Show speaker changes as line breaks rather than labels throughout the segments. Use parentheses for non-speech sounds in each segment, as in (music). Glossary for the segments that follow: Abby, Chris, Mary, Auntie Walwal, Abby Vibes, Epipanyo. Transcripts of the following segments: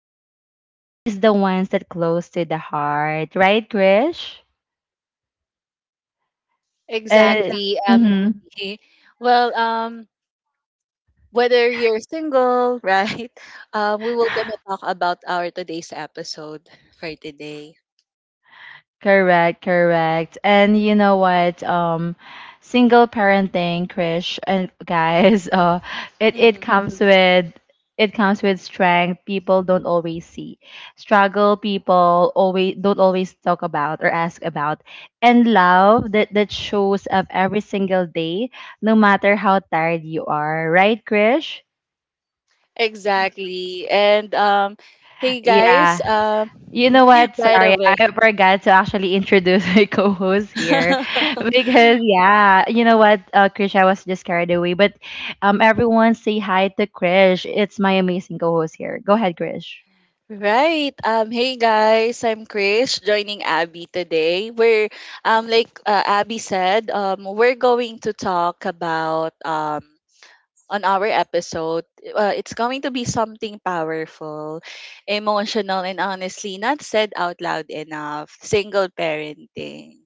episode is the ones that close to the heart, right, Krish? Uh,
Exactly.
Exactly.
Abby. well, um, Whether you're single, (laughs) right? We will gonna talk about our today's episode for today.
Correct, correct. And you know what? Single parenting, Krish and guys, (laughs) it it
Hmm
comes with it comes with strength people don't always see, struggle people always don't always talk about or ask about, and love that shows up every single day, no matter how tired you are, right, Krish?
Exactly. And Hey guys,
Yeah. You know what?
(laughs) by the
Sorry, I
way,
forgot to actually introduce (laughs) my co-host here,
(laughs)
because yeah, you know what, Krish, I was just carried away. But everyone say hi to Krish. It's my amazing co-host here. Go ahead, Krish.
right? Hey guys, I'm Chris, joining Abby today. We're Abby said, we're going to talk about on our episode. It's going to be something powerful, emotional, and honestly not said out loud enough. Single parenting.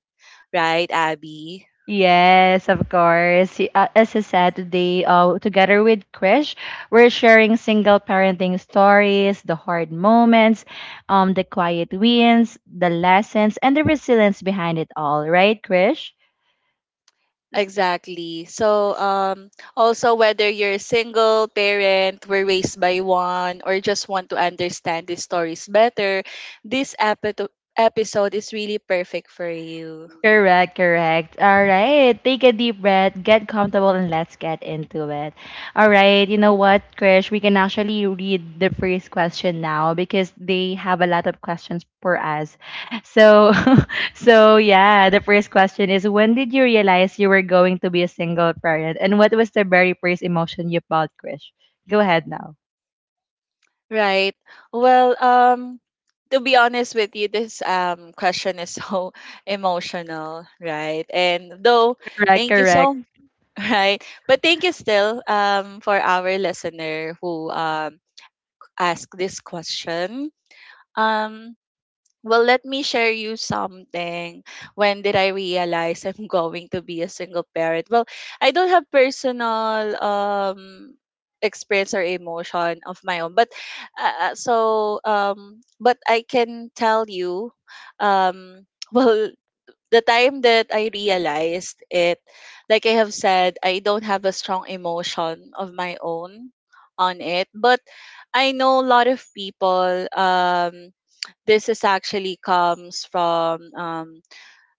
Right, Abby?
Yes, of course. As I said today, together with Krish, we're sharing single parenting stories, the hard moments, the quiet wins, the lessons, and the resilience behind it all. Right, Krish?
Exactly. So, also whether you're a single parent, were raised by one, or just want to understand these stories better, this epi- episode is really perfect for you.
Correct, correct. All right. Take a deep breath, get comfortable, and let's get into it. All right. You know what, Krish? We can actually read the first question now, because they have a lot of questions for us. So, (laughs) so yeah, the first question is, when did you realize you were going to be a single parent? And what was the very first emotion you felt, Krish? Go ahead now.
Right. Well, to be honest with you, this question is so (laughs) emotional, right?
Correct,
Thank you
correct.
so (laughs) right, but thank you still for our listener who asked this question. Um, well, let me share you something. When did I realize I'm (laughs) going to be a single parent? Well, I don't have personal experience or emotion of my own, but but I can tell you (laughs) well the time that I realized it, like I have said, I don't have a strong emotion of my own on it, but I know a lot of people this is actually comes from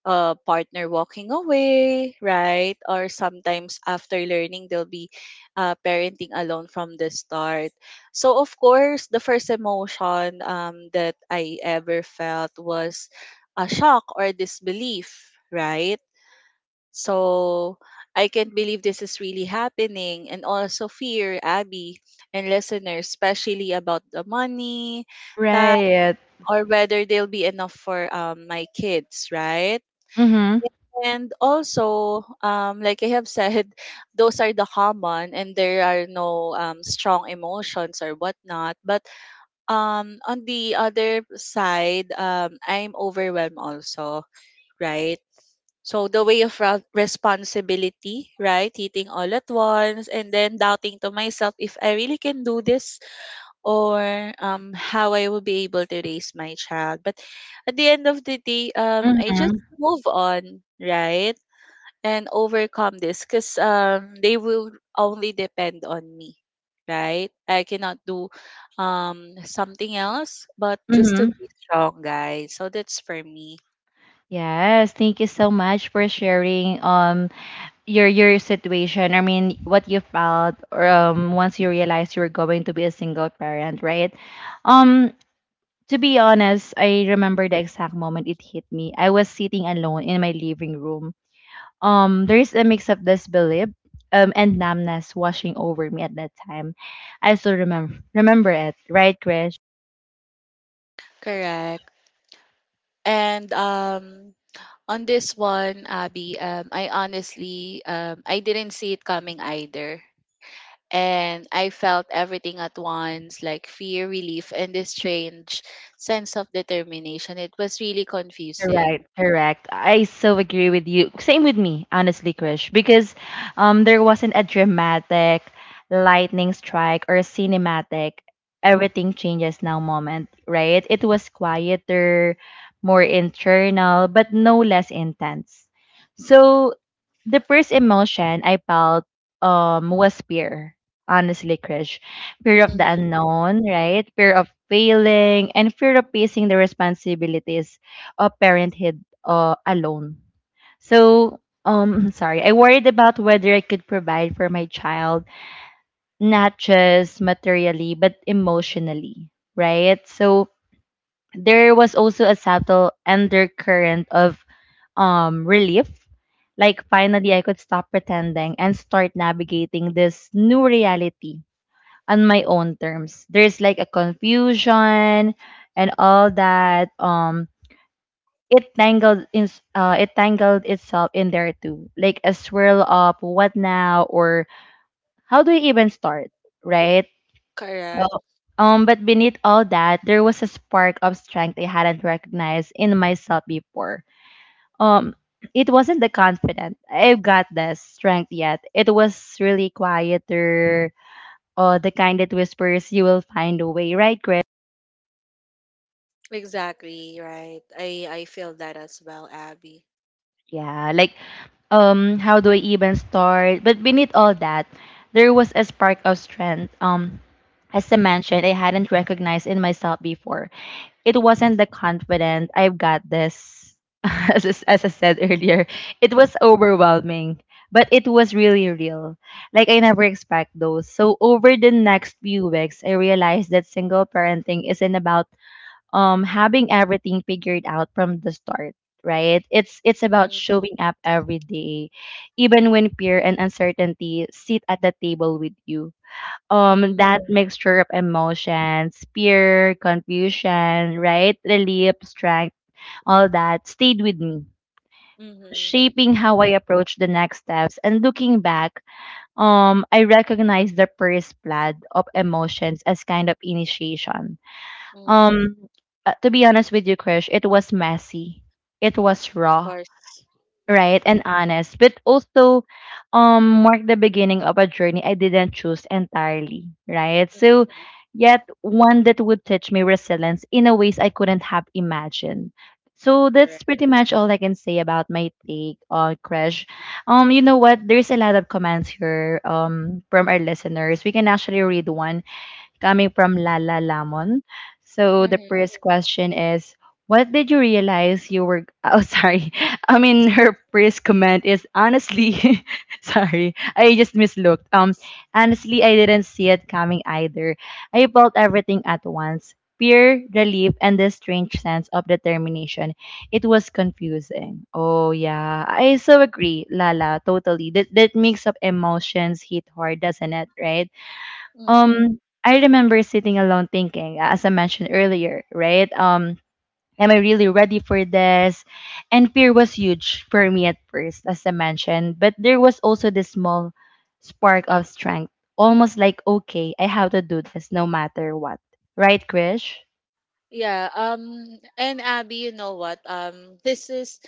a partner walking away, right? Or sometimes after learning, they'll be parenting alone from the start. So, of course, the first emotion that I ever felt was a shock or disbelief, right? So, I can't believe this is really happening, and also fear, Abby, and listeners, especially about the money,
Right.
or whether they'll be enough for my kids, right?
Mm hmm.
And also, like I have said, (laughs) those are the common, and there are no strong emotions or whatnot. But on the other side, I'm overwhelmed also, right? So the way of responsibility, right? Eating all at once and then doubting to myself if I really can do this or how I will be able to raise my child. But at the end of the day,
Mm
I
hmm.
just move on, right? And overcome this because they will only depend on me. Right? I cannot do something else but
Mm
just to
hmm.
be strong guys. So that's for me.
Yes, thank you so much for sharing your situation. I mean, what you felt, or once you realized you were going to be a single parent, right? um to be honest, I remember the exact moment it hit me. I was sitting alone in my living room. There is a mix of disbelief and numbness washing over me at that time. I still remember it, right, Krish?
Correct. And on this one, Abby, I didn't see it coming either and I felt everything at once like fear, relief, and this strange sense of determination. It was really
Correct,
confusing.
correct. I so agree with you. Same with me, honestly, Krish, because there wasn't a dramatic lightning strike or a cinematic everything changes now moment, right? It was quieter, more internal, but no less intense. So the first emotion I felt was fear, honestly, Krish. Fear of the
Mm-hmm.
unknown, right? Fear of failing and fear of facing the responsibilities, parenthood, alone. So, (laughs) sorry, I worried about whether I could provide for my child, not just materially, but emotionally, right? So, there was also a subtle undercurrent of relief. Like, finally, I could stop pretending and start navigating this new reality on my own terms. There's like a confusion and all that. It tangled in it tangled itself in there too, like a swirl of what now, or how do you even start, right?
Correct.
Uh, but beneath all that, there was a spark of strength I hadn't recognized in myself before. um it wasn't the confident, I've got the strength yet. It was really quieter, or the kind that whispers, you will find a way, right, Chris?
Exactly, right. I feel that as well, Abby.
Yeah. Like, how do I even start? But beneath all that, there was a spark of strength. As I mentioned, I hadn't recognized in myself before. It wasn't the confident, I've got this, (laughs) as I said earlier. It was overwhelming, but it was really real. Like, I never expect those. So over the next few weeks, I realized that single parenting isn't about having everything figured out from the start, right? It's about
Mm-hmm.
showing up every day, even when fear and uncertainty sit at the table with you. That mixture of emotions, fear, confusion, right, relief, strength, all that stayed with me,
Mm-hmm.
shaping how I approach the next steps. And looking back, I recognize the first flood of emotions as kind of initiation.
Mm-hmm.
um, to be honest with you, Krish, it was messy. It was
Of
raw,
course. Mm-hmm.
right, and honest, but also marked the beginning of a journey I didn't choose entirely, right? So
Mm-hmm.
yet one that would teach me resilience in a ways I couldn't have imagined. So that's
Correct.
pretty much all I can say about my take on Crash. You know what? There's a lot of comments here, from our listeners. We can actually read one coming from Lala Lamon. So the first question is, what did you realize you were? (laughs) Oh, sorry. I mean, her first comment is, honestly, (laughs) sorry, I just mislooked. Honestly, I didn't see it coming either. I felt everything at once: fear, relief, and this strange sense of determination. It was confusing. Oh yeah, I so agree, Lala. Totally. That mix of emotions hit hard, doesn't it? Right.
Mm-hmm.
um, I remember sitting alone thinking, as I mentioned earlier, right? Am I really ready for this? And fear was huge for me at first, as I mentioned, but there was also this small spark of strength, almost like, okay, I have to do this no matter what. Right, Krish?
Yeah, and Abby, you know what? This is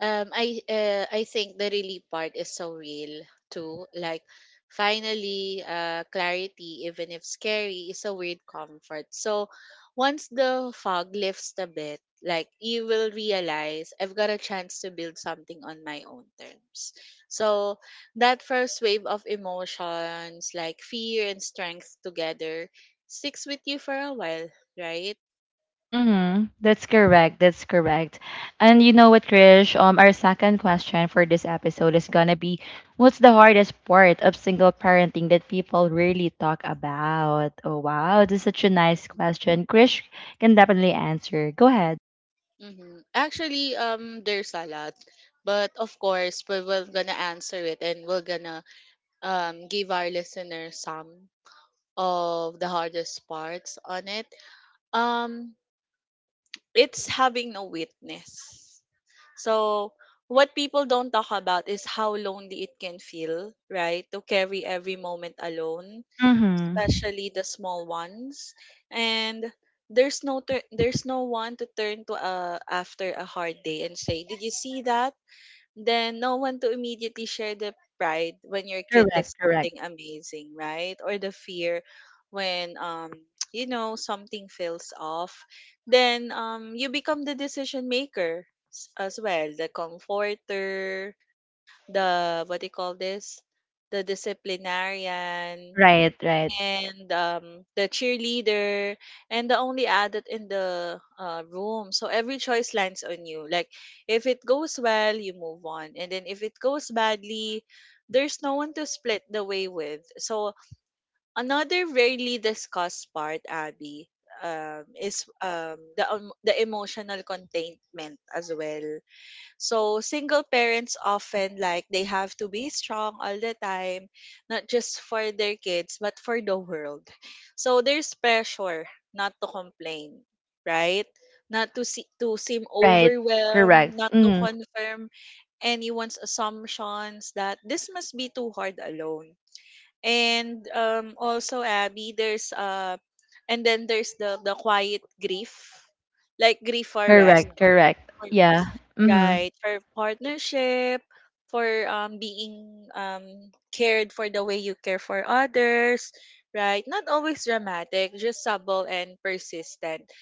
I think the really part is so real too. Like finally clarity even if scary is a weird comfort. So once the fog lifts a bit, like you will realize I've got a chance to build something on my own terms. So that first wave of emotions like fear and strength together sticks with you for a while, right?
Mm-hmm. That's correct. That's correct. And you know what, Krish? Our second question for this episode is gonna be, what's the hardest part of single parenting that people really talk about? Oh wow, this is such a nice question. Krish can definitely answer. Go ahead.
Mhm. Actually, there's a lot, but of course, we will gonna answer it, and we're gonna give our listeners some of the hardest parts on it. Um, it's having a witness. So what people don't talk about is how lonely it can feel, right? To carry every moment alone
Mm-hmm.
especially the small ones and there's no one to turn to after a hard day and say did you see that then no one to immediately share the pride when your kid
Correct.
does
Correct.
something amazing right or the fear when (tsk) you know something feels off then you become the decision maker as well the comforter the what do you call this the disciplinarian
Right. Right.
and the cheerleader and the only adult in the room so every choice lands on you like if it goes well you move on and then if it goes badly there's no one to split the way with so another rarely discussed part Abby, is the emotional containment as well so single parents often like they have to be strong all the time, not just for their kids, but for the world. So there's pressure not to complain, right? Not to see, to seem
Right.
overwhelmed,
Correct.
not to
Mm-hmm.
confirm anyone's assumptions that this must be too hard alone. And also Abby, there's the quiet grief, like grief for rest
Correct. Correct. Yeah. Mm-hmm.
Right, for partnership, for being cared for the way you care for others, right? Not always dramatic, just subtle and persistent.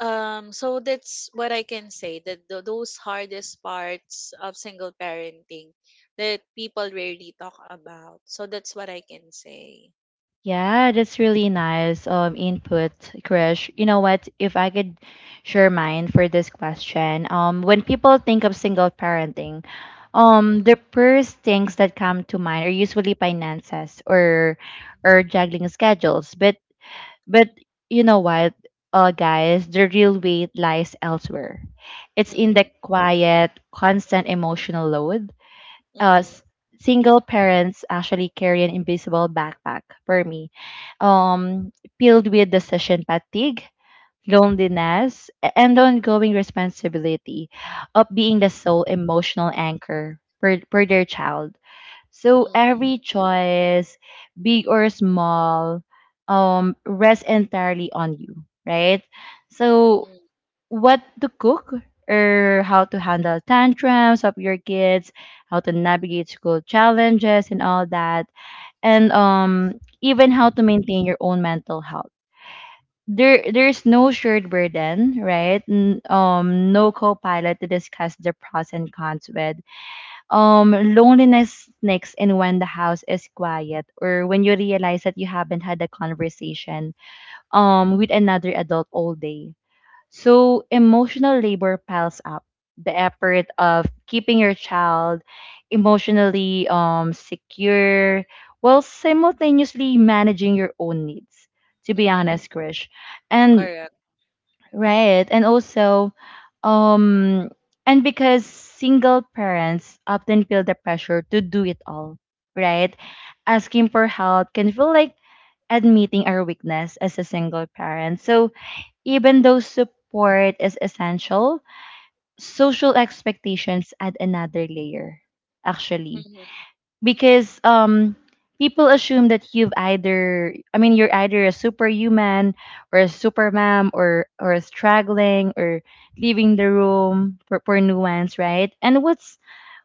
So that's what I can say that those hardest parts of single parenting that people rarely talk about. So that's what I can say.
Yeah, that's really nice input, Krish. You know what? If I could share mine for this question, when people think of single parenting,
Mm-hmm,
the first things that come to mind are usually finances, or juggling schedules. But but you know what, guys, the real weight lies elsewhere. It's in the quiet, constant emotional load. uh,
mm-hmm,
s- Single parents actually carry an invisible backpack for me, um, filled with decision fatigue, loneliness, and ongoing responsibility of being the sole emotional anchor for their child. So
mm-hmm,
every choice, big or small, rests entirely on you, right? So what to cook, or how to handle tantrums of your kids, how to navigate school challenges and all that, and even how to maintain your own mental health. There's no shared burden, right? No co-pilot to discuss the pros and cons with. Loneliness sneaks in when the house is quiet, or when you realize that you haven't had a conversation with another adult all day, so emotional labor piles up. The effort of keeping your child emotionally secure, while simultaneously managing your own needs, to be
mm-hmm,
honest, Krish. And,
correct.
right, and also, um and because single parents often feel the pressure to do it all, right? Asking for help can feel like admitting our weakness as a single parent. So even though support is essential, social expectations add another layer, actually.
Mm-hmm,
Because people assume that you've either, I mean, you're either a superhuman or a supermom, or a struggling, or leaving the room for nuance, right? And what's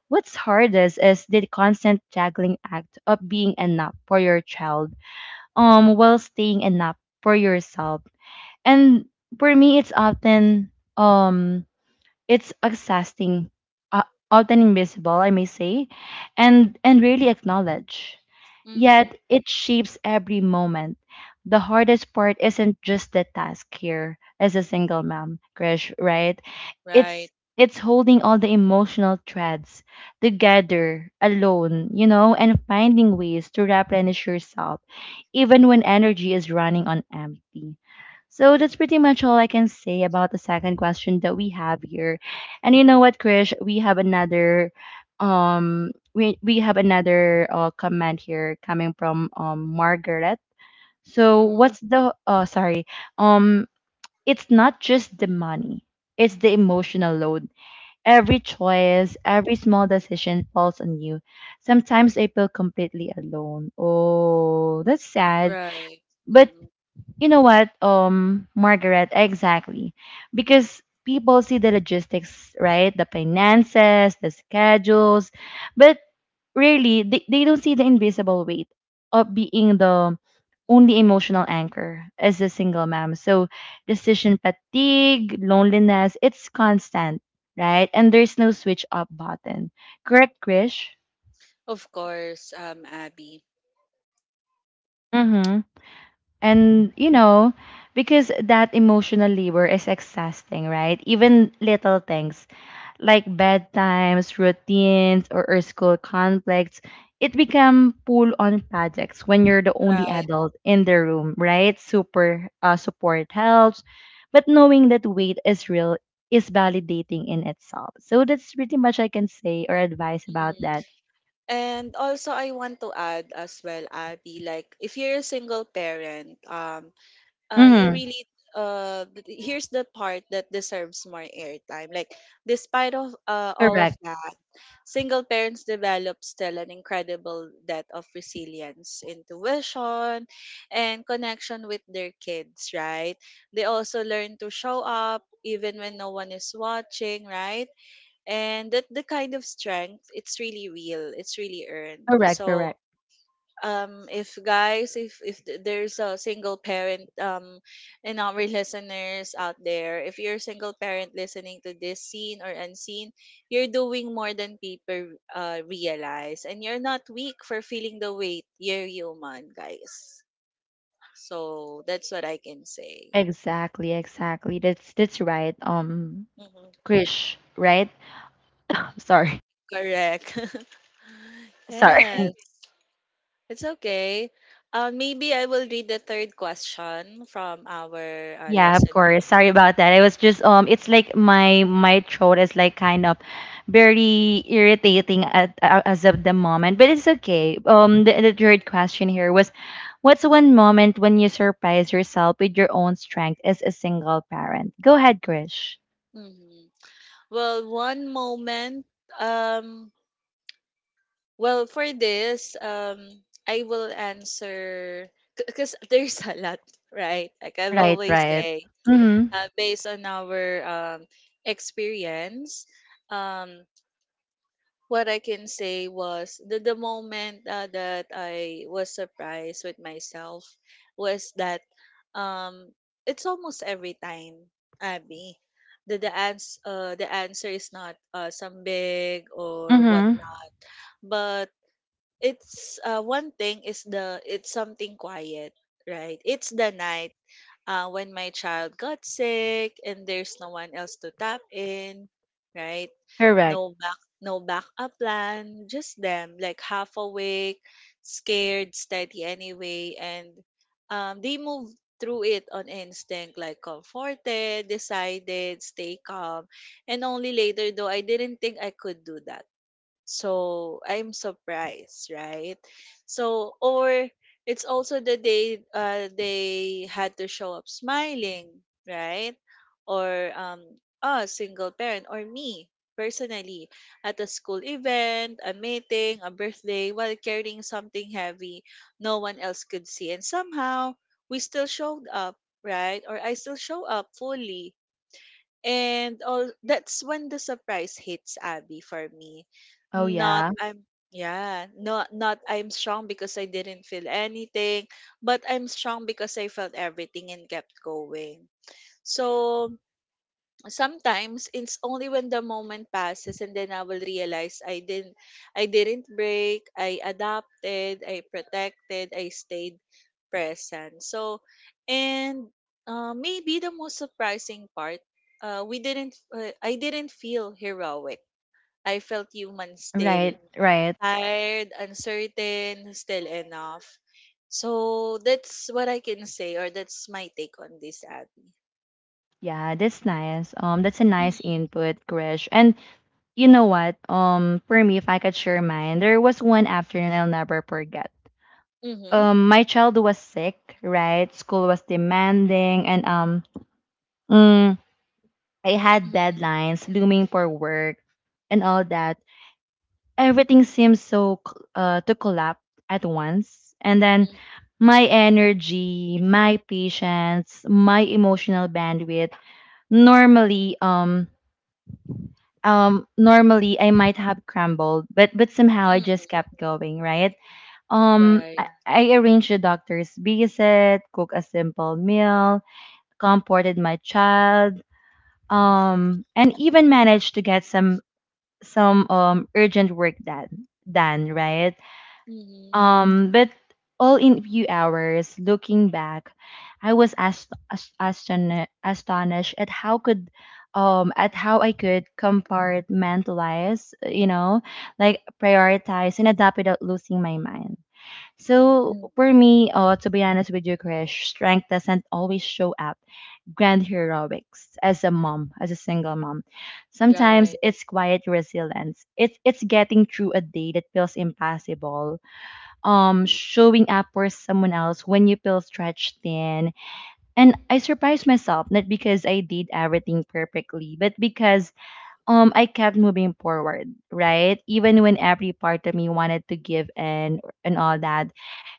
what's hardest is the constant juggling act of being enough for your child while staying enough for yourself. And for me, it's often um it's exhausting, uh, often invisible, I may say, and rarely acknowledged.
mm-hmm,
Yet it shapes every moment. The hardest part isn't just the task here as a single mom, Krish, right?
right.
It's it's holding all the emotional threads together alone, and finding ways to replenish yourself even when energy is running on empty. So that's pretty much all I can say about the second question that we have here. And you know what, Krish? We have another comment here coming from Margaret. So
Mm,
what's the, sorry. Um it's not just the money. It's the emotional load. Every choice, every small decision falls on you. Sometimes I feel completely alone. Oh, that's sad.
right.
But
Mm-hmm.
you know what, Margaret, exactly. Because people see the logistics, right? The finances, the schedules, but really, they don't see the invisible weight of being the only emotional anchor as a single mom. So decision fatigue, loneliness, it's constant, right? And there's no switch up button. Correct, Krish?
Of course, Abby.
Mm-hmm. And, because that emotional labor is exhausting, right? Even little things like bedtimes, routines, or school conflicts, it become pull on projects when you're the only
Right.
adult in the room, right? Super Support helps, but knowing that weight is real is validating in itself. So that's pretty much I can say or advice about
Mhm.
that.
And also, I want to add as well, Abby, like if you're a single parent, you
Hmm.
really here's the part that deserves more airtime. Like, despite of all of
Correct.
that, single parents develop still an incredible depth of resilience, intuition, and connection with their kids, right? They also learn to show up even when no one is watching, right? And that the kind of strength it's really real it's really earned
Correct.
so
Correct.
if guys if there's a single parent and our (laughs) listeners out there if you're a single parent listening to this seen or unseen you're doing more than people realize and you're not weak for feeling the weight you're human guys so that's what I can say.
Exactly, exactly. That's right.
Mhm.
Krish, right? Sorry.
Correct. (laughs)
(laughs) Sorry. Right.
Yes. It's okay. Maybe I will read the third question from our
Yeah, of
listener.
course. Sorry about that. I was just it's like my throat is like kind of very irritating at, as of the moment, but it's okay. The third question here was, what's one moment when you surprise yourself with your own strength as a single parent? Go ahead, Krish.
Mhm. Well, one moment. Um, well, for this, I will answer because (laughs) there's a lot, right? Like I've
Right,
always
right.
say,
Mhm.
based on our experience. Um, what I can say was the moment that I was surprised with myself was that um it's almost every time, Abby. The the answer is not some big or
Mhm.
whatnot. But it's one thing is the it's something quiet, right? It's the night when my child got sick and there's no one else to tap in, right?
Correct.
No backup plan just them like half awake scared steady anyway and they move through it on instinct like comforted decided stay calm and only later though I didn't think I could do that so I'm surprised, right? So or it's also the day they had to show up smiling, right? Or a single parent or me personally at a school event, a meeting, a birthday while carrying something heavy no one else could see and somehow we still showed up, right? Or I still show up fully and all that's when the surprise hits Abby for me.
Oh
Not
yeah.
I'm yeah, not I'm strong because I didn't feel anything, but I'm strong because I felt everything and kept going. So sometimes it's only when the moment passes and then I will realize I didn't break, I adapted, I protected, I stayed present. So and maybe the most surprising part, we didn't I didn't feel heroic. I felt human still,
Right, right.
tired, uncertain, still enough. So that's what I can say or that's my take on this Abby.
Yeah, that's nice. That's a nice
Mm-hmm.
input, Krish. And you know what? For me, if I could share mine, there was one afternoon I'll never forget. My child was sick, right? School was demanding, and mm, I had deadlines looming for work and all that. Everything seemed to collapse at once, and then
Mm-hmm.
my energy, my patience, my emotional bandwidth. Normally, um, normally I might have crumbled, but somehow I just kept going, right? Um
Right.
I, I arranged the doctor's visit, cooked a simple meal, comforted my child, and even managed to get some urgent work done, right?
Mm-hmm.
But all in few hours, looking back, I was astonished at at how I could compartmentalize, you know, like prioritize and adapt without losing my mind. So
Mm-hmm.
For me, to be honest with you, Krish, strength doesn't always show up grand heroics as a mom, as a single mom. Sometimes
Right.
it's quiet resilience. It's getting through a day that feels impossible,
Mm-hmm.
showing up for someone else when you feel stretched thin, and I surprised myself not because I did everything perfectly but because I kept moving forward, right? Even when every part of me wanted to give in and all that.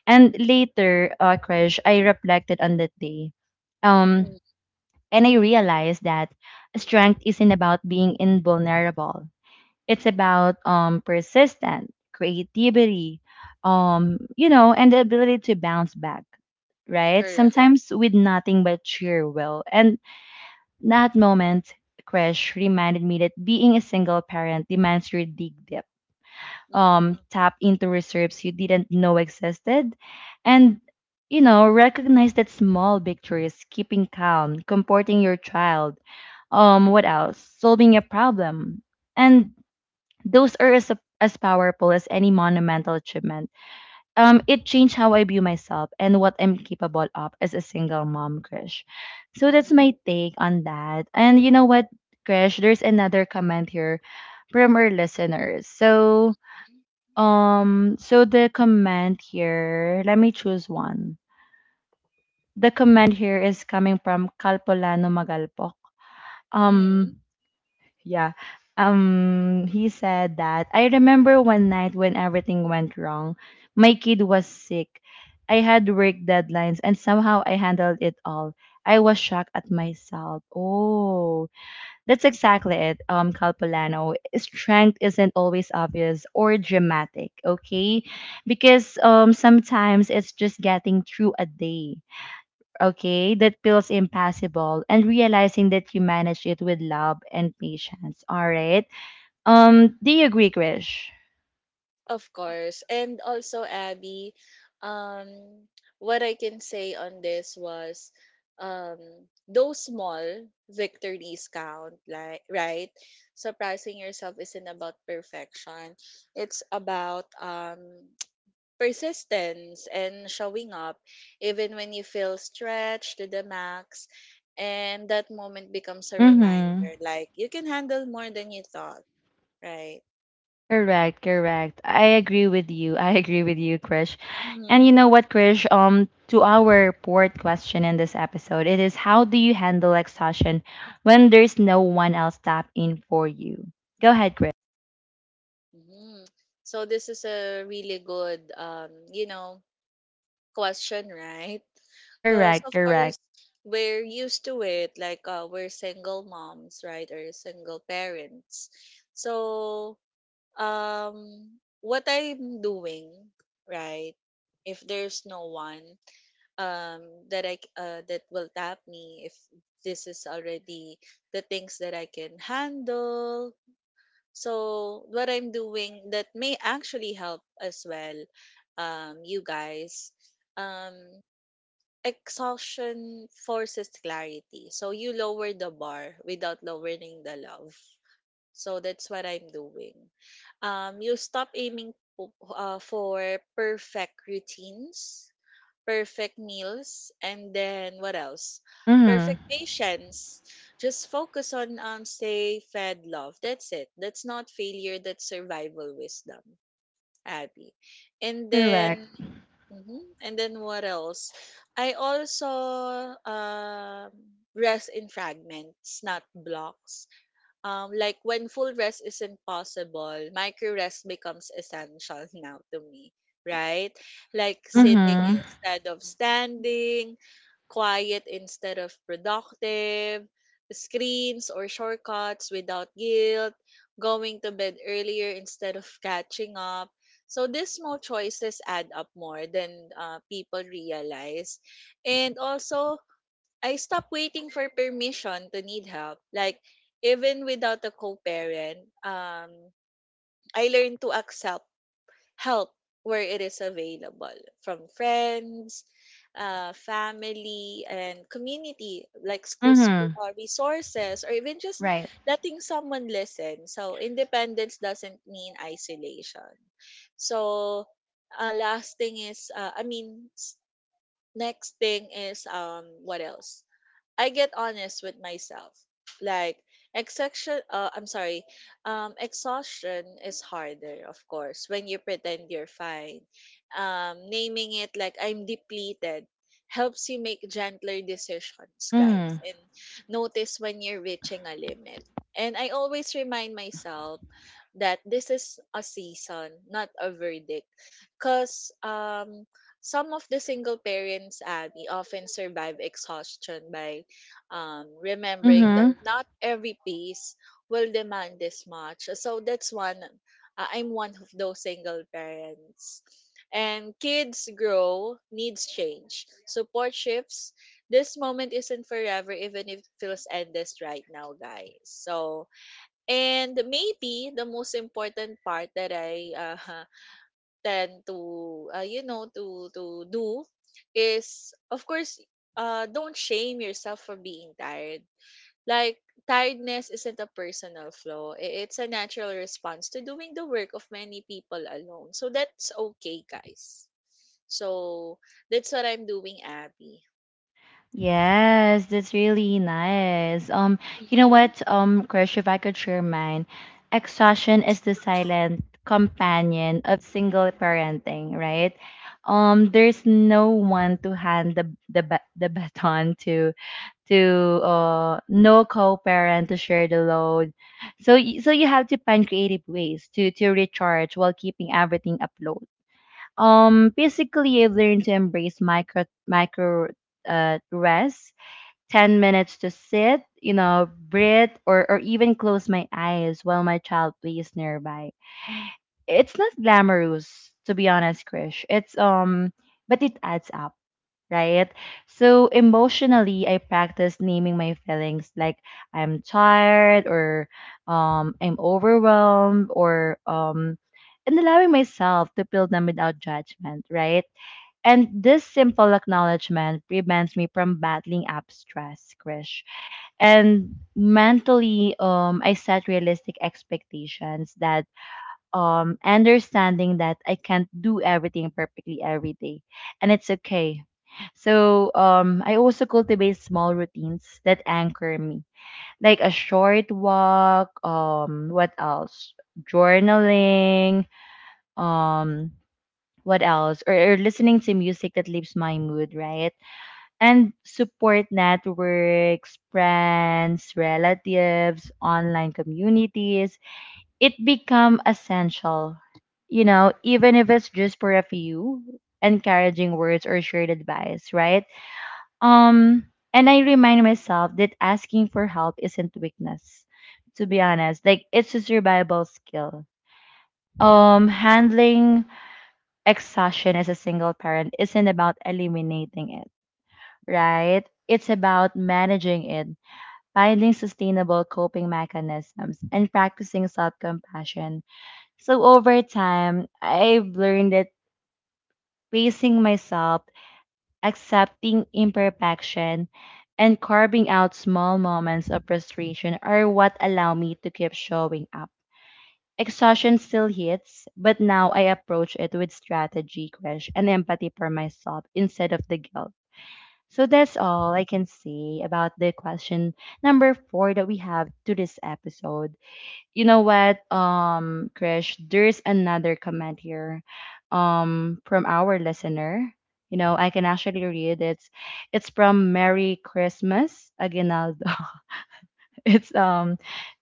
And later, Crush, I reflected on that day, um
Mm-hmm.
and I realized that strength isn't about being invulnerable. It's about persistence, creativity, you know, and the ability to bounce back, right?
Correct.
Sometimes with nothing but sheer will. And that moment, Crash, reminded me that being a single parent demands you dig deep,
Mm-hmm.
tap into reserves you didn't know existed, and you know, recognize that small victories, keeping calm, comforting your child,
Mm-hmm.
what else? Solving a problem. And those are as powerful as any monumental achievement. It changed how I view myself and what I'm capable of as a single mom, Krish. So that's my take on that. And you know what, Krish, there's another comment here from our listeners. So so the comment here, let me choose one. The comment here is coming from Kalpolano Magalpok.
Mm-hmm.
Um. Yeah. He said that I remember one night when everything went wrong. My kid was sick. I had work deadlines and somehow I handled it all. I was shocked at myself. Oh, that's exactly it. Calpolano, strength isn't always obvious or dramatic, okay? Because sometimes it's just getting through a day, okay, that feels impossible and realizing that you manage it with love and patience. All right. Do you agree, Krish?
Of course. And also, Abby, um, what I can say on this was um those small victories count, like right? Surprising yourself isn't about perfection. It's about persistence and showing up even when you feel stretched to the max and that moment becomes a
Mm-hmm.
reminder like you can handle more than you thought right
Correct, correct. I agree with you. I agree with you, Krish. And you
mm-hmm.
know what, Krish? To our fourth question in this episode, it is how do you handle exhaustion when there's no one else tap in for you? Go ahead, Krish.
Mm-hmm. So this is a really good question (laughs) right because
Correct,
of course
correct.
we're used to it like we're single moms right or single parents so um what I'm doing, right? If there's no one um that will tap me if this is already the things that I can handle. So what I'm doing that may actually help as well you guys um exhaustion forces clarity. So you lower the bar without lowering the love so that's what I'm doing. You stop aiming for perfect routines, perfect meals, and then what else?
Mm-hmm.
Perfect patience. Just focus on stay fed love. That's it. That's not failure. That's survival wisdom, Abby. And then,
Correct.
mhm. And then what else? I also rest in fragments, not blocks like when full rest isn't possible, micro rest becomes essential (laughs) now to me, right? Like sitting
Mm-hmm.
instead of standing, quiet instead of productive, screens or shortcuts without guilt, going to bed earlier instead of catching up. So these small choices add up more than people realize. And also I stopped waiting for permission to need help. Like even without a co-parent, I learned to accept help where it is available from friends, family, and community, like schools.
Mm-hmm.
Resources or even just
Right.
letting someone listen. So, independence doesn't mean isolation. So, last thing is, I mean, s- next thing is what else? I get honest with myself. Like exhaustion I'm sorry. Exhaustion is harder, of course, when you pretend you're fine. Naming it like I'm depleted helps you make gentler decisions, guys,
Mm-hmm.
and notice when you're reaching a limit. And I always remind myself that this is a season, not a verdict. Cause some of the single parents, Abby, often survive exhaustion by remembering that
Mm-hmm.
not every piece will demand this much. So that's one. I'm one of those single parents. And kids grow, needs change. Support shifts. This moment isn't forever, even if it feels endless right now, guys. So, and maybe the most important part that I (laughs) tend to, to do is, of course, don't shame yourself for being tired like, tiredness isn't a personal flaw. It's a natural response to doing the work of many people alone. So that's okay, guys. So that's what I'm doing, Abby.
Yes, that's really nice. You know
Hmm.
what, Krish, if I could share mine, exhaustion is the silent companion of single parenting, right? There's no one to hand the baton to, to no co-parent to share the load. So so you have to find creative ways to recharge while keeping everything afloat. Basically, I've learned to embrace micro rest, 10 minutes to sit, you know, breathe, or even close my eyes while my child plays nearby. It's not glamorous, to be honest, Krish. It's, but it adds up, right? So emotionally, I practice naming my feelings like I'm tired or, I'm overwhelmed or, and allowing myself to feel them without judgment, right? And this simple acknowledgement prevents me from battling up stress, Krish. And mentally I set realistic expectations, that understanding that I can't do everything perfectly every day, and it's okay. So I also cultivate small routines that anchor me like a short walk, what else, journaling, um, what else, or listening to music that lifts my mood, right? And support networks, friends, relatives, online communities. It become essential, you know, even if it's just for a few encouraging words or shared advice, right? Um, and I remind myself that asking for help isn't weakness. To be honest, like it's a survival skill. Handling exhaustion as a single parent isn't about eliminating it, right? It's about managing it, finding sustainable coping mechanisms, and practicing self compassion. So, over time, I've learned that pacing myself, accepting imperfection, and carving out small moments of frustration are what allow me to keep showing up. Exhaustion still hits, but now I approach it with strategy, courage, and empathy for myself instead of the guilt. So that's all I can say about the question number four that we have to this episode. You know what, Krish, there's another comment here from our listener. You know, I can actually read it. It's from Merry Christmas Aguinaldo. (laughs) it's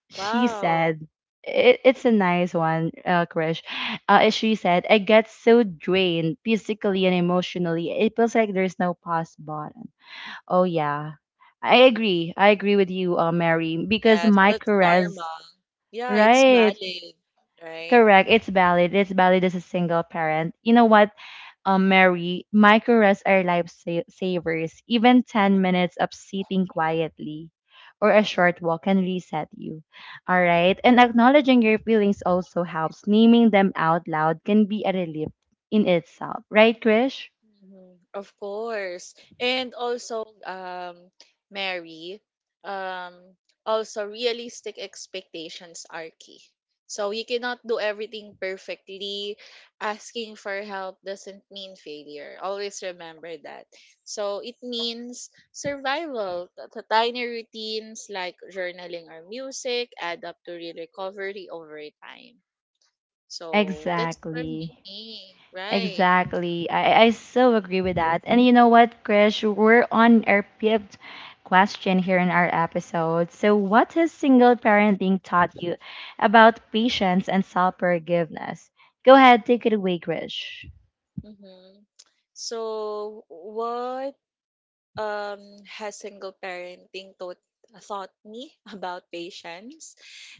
she
Wow.
said it's a nice one, Krish. She said, I get so drained physically and emotionally. It feels like there's no pause button. Oh yeah. I agree. I agree with you, Mary, because
Yes,
my
that's normal.
caress,
Yeah, it's
right?
valid, right?
Correct. It's valid. It's valid as a single parent. You know what, Mary, my caress are savers. Even 10 minutes of sitting quietly or a short walk can reset you. All right. And acknowledging your feelings also helps. Naming them out loud can be a relief in itself. Right, Krish?
Mhm. Of course. And also, Mary, um, also realistic expectations are key. So you cannot do everything perfectly. Asking for help doesn't mean failure. Always remember that. So it means survival. Tiny routines like journaling or music add up to real recovery over time. So that's for
Exactly.
me, right?
Exactly. I so agree with that. And you know what, Krish? We're on our fifth question here in our episode. So, what has single parenting taught you about patience and self forgiveness? Go ahead, take it away, Krish.
Mm-hmm. So, what um, has single parenting taught me (laughs) about patience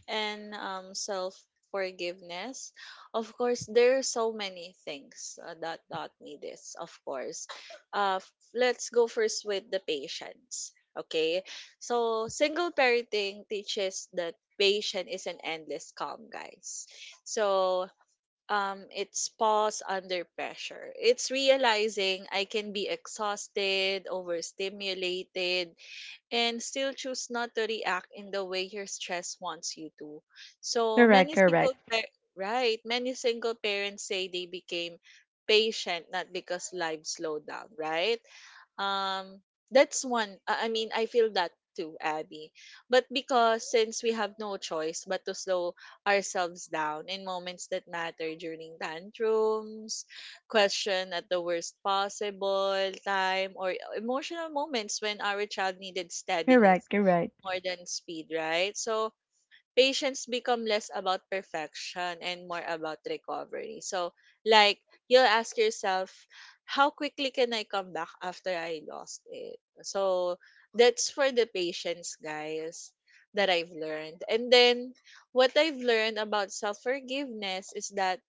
and self forgiveness? Of course, there are so many things that taught me this, of course. Let's go first with the patience. Okay, so single parenting teaches that patience is an endless calm, guys. So it's pause under pressure. It's realizing I can be exhausted, overstimulated and still choose not to react in the way your stress wants you to. so
Correct,
many single
correct,
pa- right many single parents say they became patient not because life slowed down, right? um, that's one. I mean, I feel that too, Abby. But because since we have no choice but to slow ourselves down in moments that matter during tantrums, question at the worst possible time, or emotional moments when our child needed
correct,
steadiness
correct.
more than speed, right? So patients become less about perfection and more about recovery. So, like, you'll ask yourself, how quickly can I come back after I lost it? So, that's for the patients, guys, that I've learned. And then, what I've learned about self forgiveness is that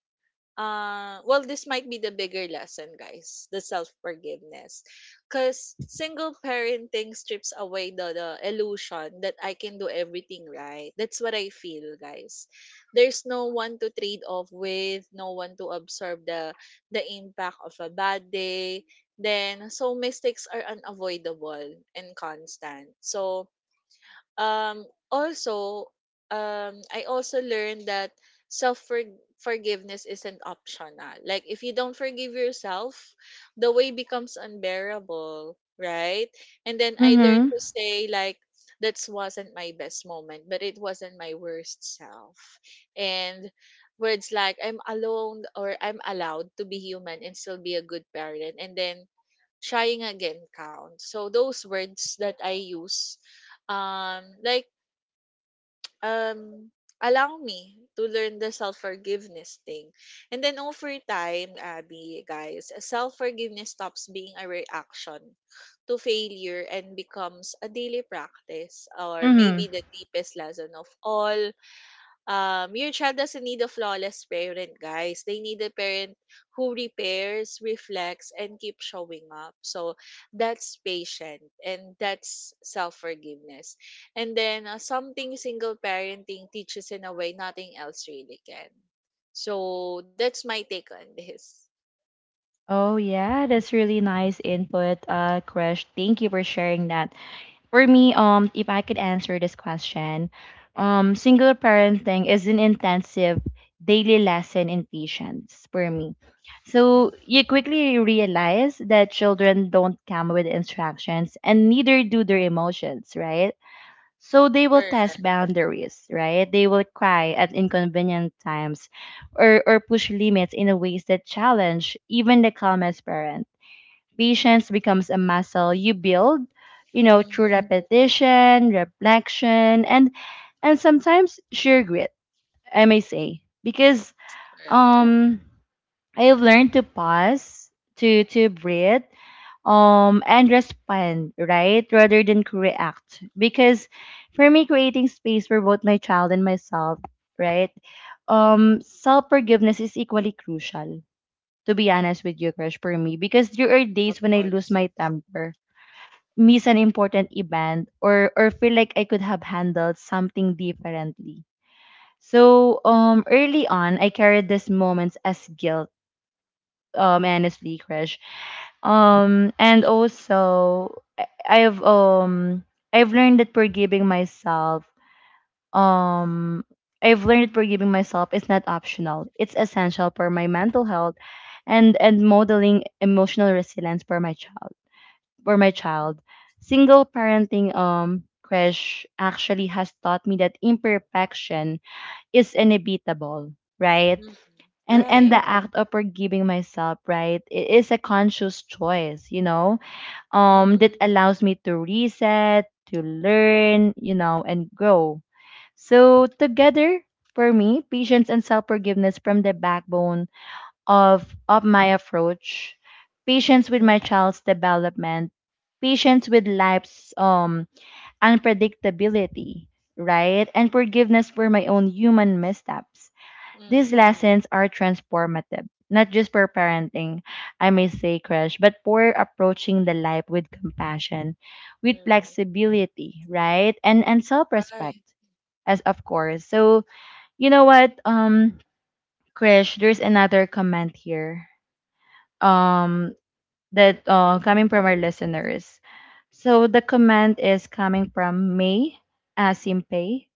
well this might be the bigger lesson, guys, the self forgiveness, because single parenting strips away the illusion that I can do everything right. That's what I feel, guys. There's no one to trade off with, no one to absorb the impact of a bad day, then so mistakes are unavoidable and constant. So also, I also learned that self forgiveness isn't optional. Like, if you don't forgive yourself, the way becomes unbearable, right? And then I learned
Mm
to say, like, that wasn't my best moment, but it wasn't my worst self. And words like I'm alone or I'm allowed to be human and still be a good parent. And then trying again counts. So those words that I use, um, like um, allow me to learn the self forgiveness thing, and then over time, Abby, guys, self forgiveness stops being a reaction to failure and becomes a daily practice,
hmm.
or
Mm
maybe
hmm.
the deepest lesson of all. Your child doesn't need a flawless parent, guys. They need a parent who repairs, reflects, and keeps showing up. So that's patient and that's self forgiveness. And then something single parenting teaches in a way nothing else really can. So that's my take on this.
Oh yeah, that's really nice input, Krish. Thank you for sharing that. For me, if I could answer this question, single parenting is an intensive daily lesson in patience for me. So
Hmm.
you quickly realize that children don't come with instructions and neither do their emotions, right? So they will
Correct.
test boundaries, right? They will cry at inconvenient times or push limits in a ways that challenge even the calmest parent. Patience becomes a muscle you build, you know, through
Hmm.
repetition, reflection, and sometimes sheer grit, I may say. Because
Correct.
um I've learned to pause, to breathe, and respond, right? Rather than react. Because for me, creating space for both my child and myself, right?
Hmm.
Self forgiveness is equally crucial, to be honest with you, Crush, for me. Because there are
Of
days when I lose
course.
my temper, miss an important event, or feel like I could have handled something differently. So early on I carried these moments as guilt, honestly, Crush. And also I- I've I've learned that forgiving myself, um I've learned that forgiving myself is not optional. It's essential for my mental health and modeling emotional resilience for my child. for my child Single parenting, Crash, actually has taught me that imperfection is inevitable, right?
Hmm.
And
Right.
the act of forgiving myself, right, it is a conscious choice, you know,
Hmm.
that allows me to reset, to learn, you know, and grow. So together for me, patience and self-forgiveness from the backbone of my approach. Patience
Hmm.
with my child's development, patience with life's unpredictability, right? And forgiveness for my own human missteps. These
Hmm.
lessons are transformative, not just for parenting, I may say, Crash, but for approaching the life with compassion, with
Hmm.
flexibility, right? And self-respect,
Right.
as of course. So you know what, Krish, there's another comment here. Um, that coming from our listeners. So the comment is coming from May Asimpay.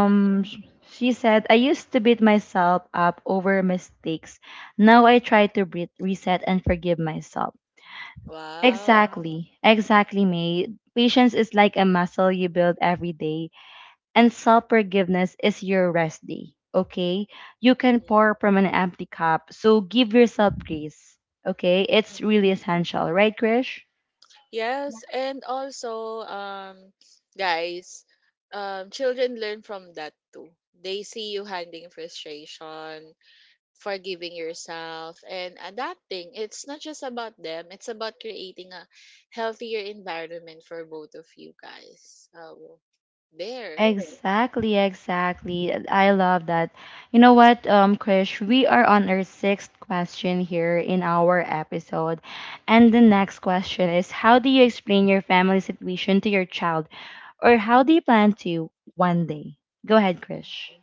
Hmm.
sh- she said, I used to beat myself up over mistakes. Now I try to breathe, reset, and forgive myself.
Wow.
Exactly, exactly, May. Patience is like a muscle you build every day, and self forgiveness is your rest day. Okay, you can pour from an empty cup, so give yourself grace. Okay, it's really essential, right, Krish?
Yes, and also, guys, children learn from that too. They see you handling frustration, forgiving yourself, and adapting. It's not just about them, it's about creating a healthier environment for both of you guys. So, there.
Exactly, exactly. I love that. You know what, Krish, we are on our sixth question here in our episode. And the next question is, how do you explain your family situation to your child? Or how do you plan to one day? Go ahead, Krish.
Mhm.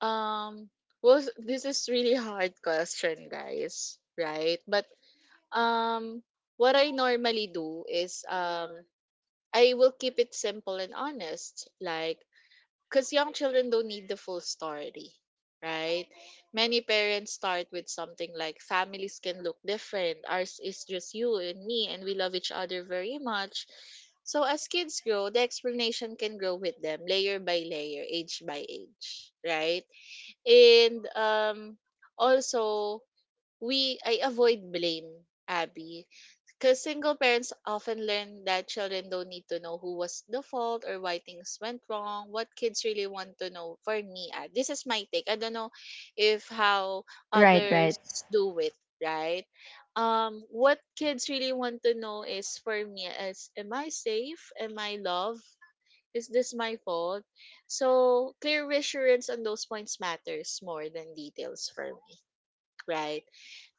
Um, well, (laughs) this is really hard question, guys, right? But um, what I normally do is I will keep it simple and honest, like, because young children don't need the full story, right? Many parents start with something like families can look different, ours is just you and me, and we love each other very much. So as kids grow, the explanation can grow with them, layer by layer, age by age, right? And also, we I avoid blame, Abby, because single parents often learn that children don't need to know who was the fault or why things went wrong. What kids really want to know, for me, ah, this is my take. I don't know if how
Right, right.
others do it, right? What kids really want to know is for me is, am I safe? Am I loved? Is this my fault? So clear reassurance on those points matters more than details for me, right?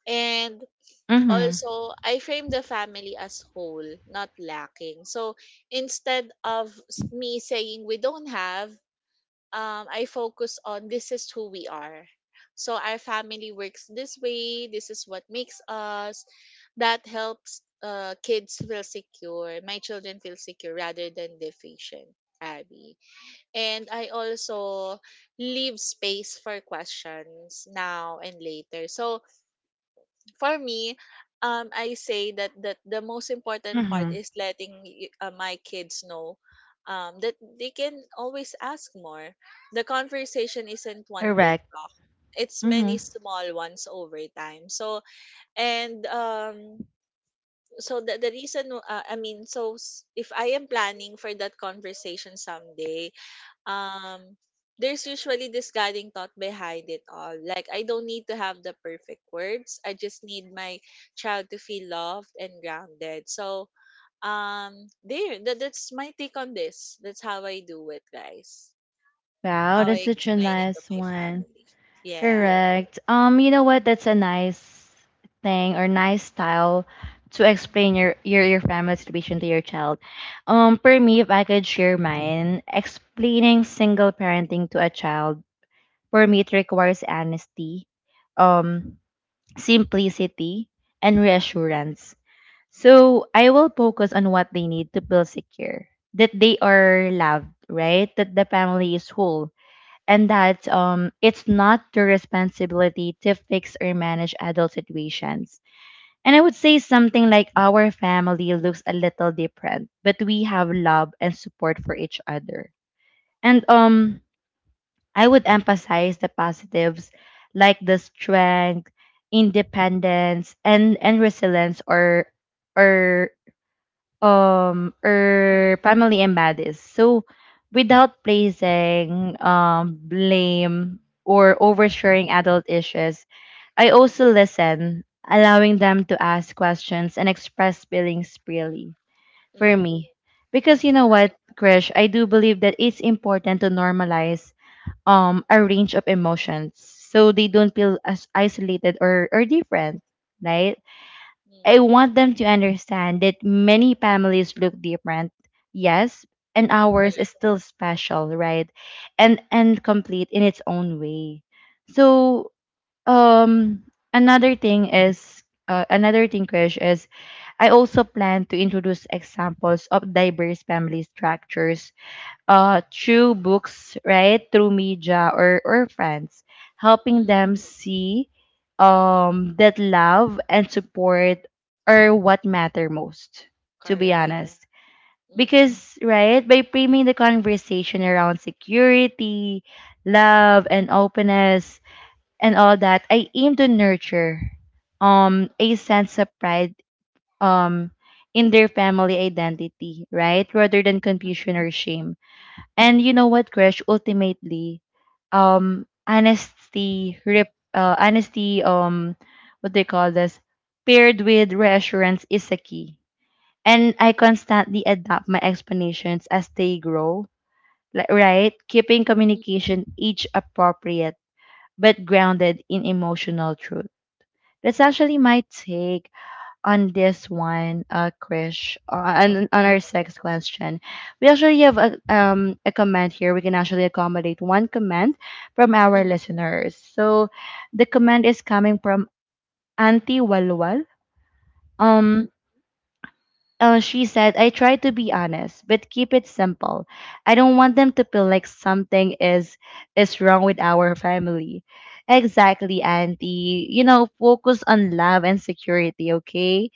And
Mm-hmm.
also, I frame the family as whole, not lacking. So instead of me saying we don't have, I focus on this is who we are. So our family works this way. This is what makes us. That helps kids feel secure. My children feel secure rather than deficient, Abby. And I also leave space for questions now and later. So for me, I say that that the most important part
Mm-hmm.
is letting my kids know that they can always ask more. The conversation isn't one big
Correct.
talk. It's many
Mm-hmm.
small ones over time. So and so the reason I mean so s- if I am planning for that conversation someday, um there's usually this guiding thought behind it all, like I don't need to have the perfect words, I just need my child to feel loved and grounded. So there, that's my take on this. That's how I do it, guys.
Wow,
How
that's
I
such a
explain it to
nice
my
one.
family. Yeah.
Correct. You know what? That's a nice thing or nice style to explain your your family situation to your child. For me, if I could share mine, explaining single parenting to a child for me it requires honesty, um, simplicity, and reassurance. So I will focus on what they need to feel secure, that they are loved, right? That the family is whole and that it's not their responsibility to fix or manage adult situations. And I would say something like our family looks a little different, but we have love and support for each other. And I would emphasize the positives like the strength, independence, and resilience or or
Mhm.
family and buddies. So without placing blame or oversharing adult issues, I also listen, allowing them to ask questions and express feelings freely for
Mm,
me. Because you know what,
right.
Krish, I do believe that it's important to normalize a range of emotions so they don't feel as isolated or different, right? I
Mm,
want them to understand that many families look different, yes, and ours is
correct.
still special, right? And complete in its own way. So um another thing is another thing, Krish, is I also plan to introduce examples of diverse family structures through books, right? Through media or friends, helping
Mm,
them see that love and support are what matter most, to be
correct.
honest.
Mm.
Because, right, by framing the conversation around security, love, and openness, and all that, I aim to nurture a sense of pride um, in their family identity, right? Rather than confusion or shame. And you know what, Krish? Ultimately, honesty, what they call this, paired with reassurance is a key. And I constantly adapt my explanations as they grow, like, right? Keeping
Mm,
communication each appropriate, but grounded in emotional truth. That's actually my take on this one, Krish,
of
on our
course.
sixth question. We actually have a comment here. We can actually accommodate one comment from our
Mm.
listeners. So, the comment is coming from Auntie Walwal. Um.
Mhm.
She said, I try to be honest, but keep it simple. I don't want them to feel like something is wrong with our family. Exactly, Auntie. You know, focus on love and security, okay?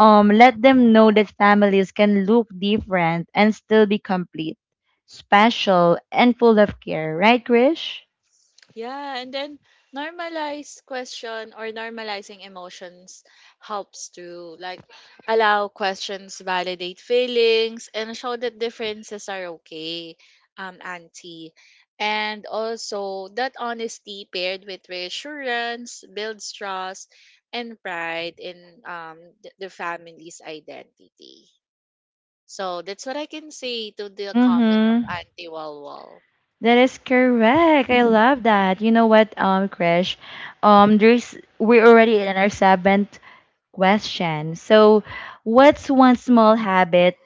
Let them know that families can look different and still be complete, special, and full of care. Right, Krish?
Yeah, and then normalize question or normalizing emotions helps to like allow questions, validate feelings, and show that differences are okay, auntie. And also that honesty paired with reassurance builds trust and pride in the family's identity. So that's what I can say to the comment of
Mm-hmm.
Auntie Walwal.
That is correct. I love that. You know what, Krish? There's we're already in our seventh question. So, what's one small habit?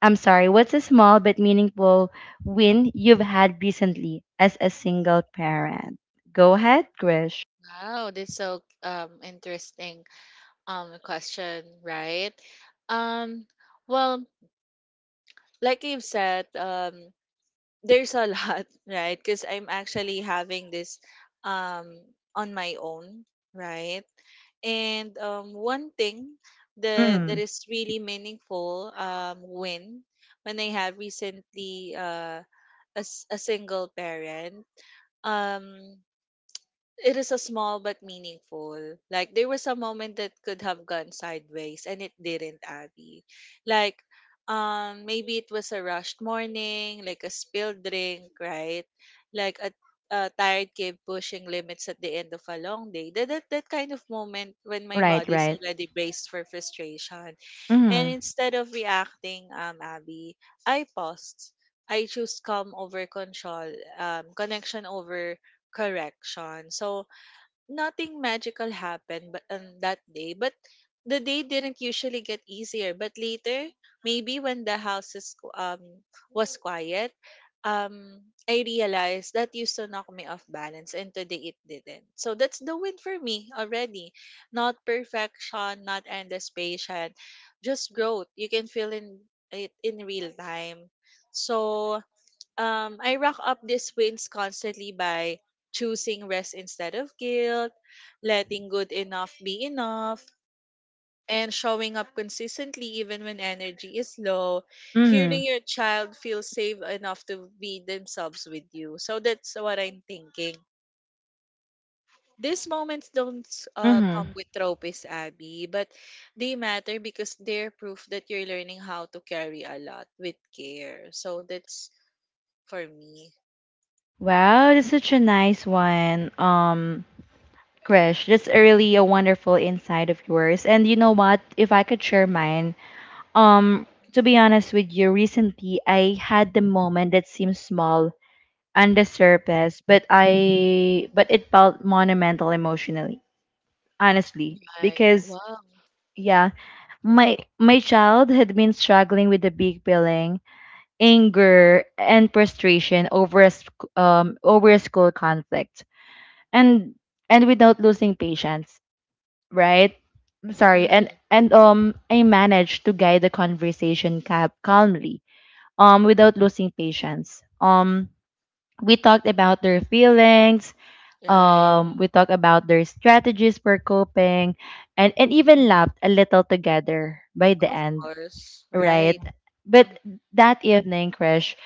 I'm sorry. What's a small but meaningful win you've had recently as a single parent? Go ahead, Krish.
Wow, that's so interesting question, right? Um well, like you've said, there's a (laughs) lot, right? Cuz I'm actually having this um on my own, right? And one thing that
Mm.
is really meaningful when I have recently a single parent. Um it is a small but meaningful. Like there was a moment that could have gone sideways and it didn't, Abby. Like maybe it was a rushed morning, like a spilled drink, right? Like a tired kid pushing limits at the end of a long day. That that kind of moment when my
Right.
body is
Right.
already braced for frustration. And
Mm.
instead of reacting, Abby, I paused. I choose calm over control, connection over correction. So nothing magical happened but on that day, but the day didn't usually get easier, but later maybe when the was quiet. um I realized that used to knock me off balance and today it didn't, so that's the win for me already, not perfection, not endless patience, just growth you can feel in it in real time. So I rack up these wins constantly by choosing rest instead of guilt, letting good enough be enough, and showing up consistently even when energy is low.
Mhm.
Hearing your child feel safe enough to be themselves with you. So that's what I'm thinking. These moments don't
Mhm.
come with tropes, Abby, but they matter because they're proof that you're learning how to carry a lot with care. So that's for me.
Wow, that's such a nice one. Krish, that's a really a wonderful insight of yours. And you know what? If I could share mine, um, to be honest with you, recently I had the moment that seemed small on the surface, but I but it felt monumental emotionally, honestly,
Right.
because
Wow.
yeah, my child had been struggling with a big feeling, anger and frustration over over a school conflict and and without losing patience, right? I'm sorry. And I managed to guide the conversation calmly, without losing patience. We talked about their feelings,
Right.
we talked about their strategies for coping, and
Hmm.
even laughed a little together by the
Of
end,
course.
right?
Right.
But
Hmm.
that evening crash,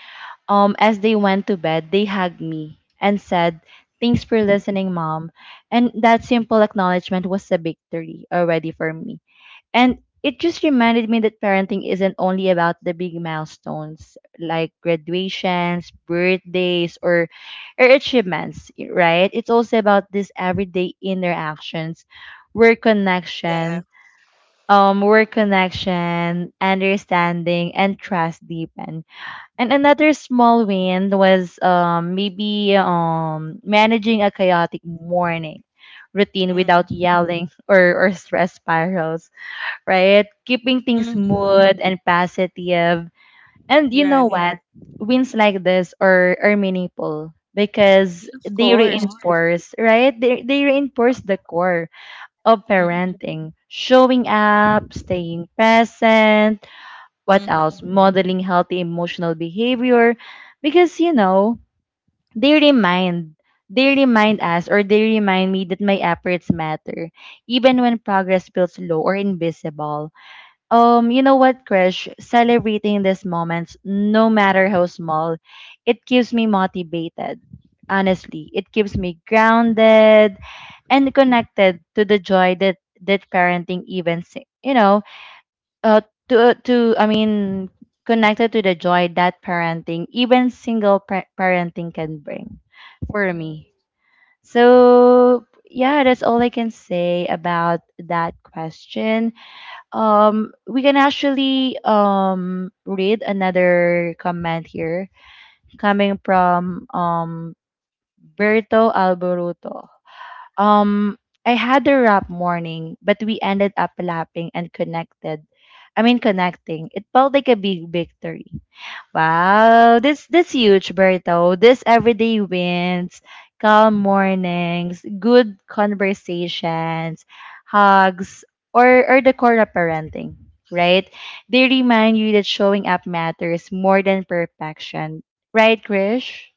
as they went to bed, they hugged me and said, "Thanks for listening, Mom." And that simple acknowledgement was a victory already for me. And it just reminded me that parenting isn't only about the big milestones like graduations, birthdays, or achievements, right? It's also about these everyday interactions where
Yeah.
connection, where connection, understanding, and trust deepen. And another small win was maybe managing a chaotic morning routine without
Mm.
yelling (laughs) or stress spirals, right? Keeping things
Mhm.
smooth and positive. And you know
Right.
what? Wins like this are meaningful because
Yeah, of
they
course.
reinforce, right? They reinforce the core of
Mm-hmm.
parenting, showing up, staying present, what else?
Mm-hmm.
Modeling healthy emotional behavior. Because you know, they remind they remind us or they remind me that my efforts matter even when progress feels low or invisible. You know what, Krish? Celebrating these moments, no matter how small, it keeps me motivated. Honestly, it keeps me grounded and connected to the joy that that parenting events, you know, uh to I mean connected to the joy that parenting, even single parenting, can bring for
Mm-hmm.
me. So yeah, that's all I can say about that question. We can actually read another comment here, coming from Berto Alboruto. um, I had a rough morning, but we ended up laughing and connecting. It felt like a big victory. Wow, this huge, Berto. This everyday wins, calm mornings, good conversations, hugs, or the core of parenting, right? They remind you that showing up matters more than perfection, right, Krish?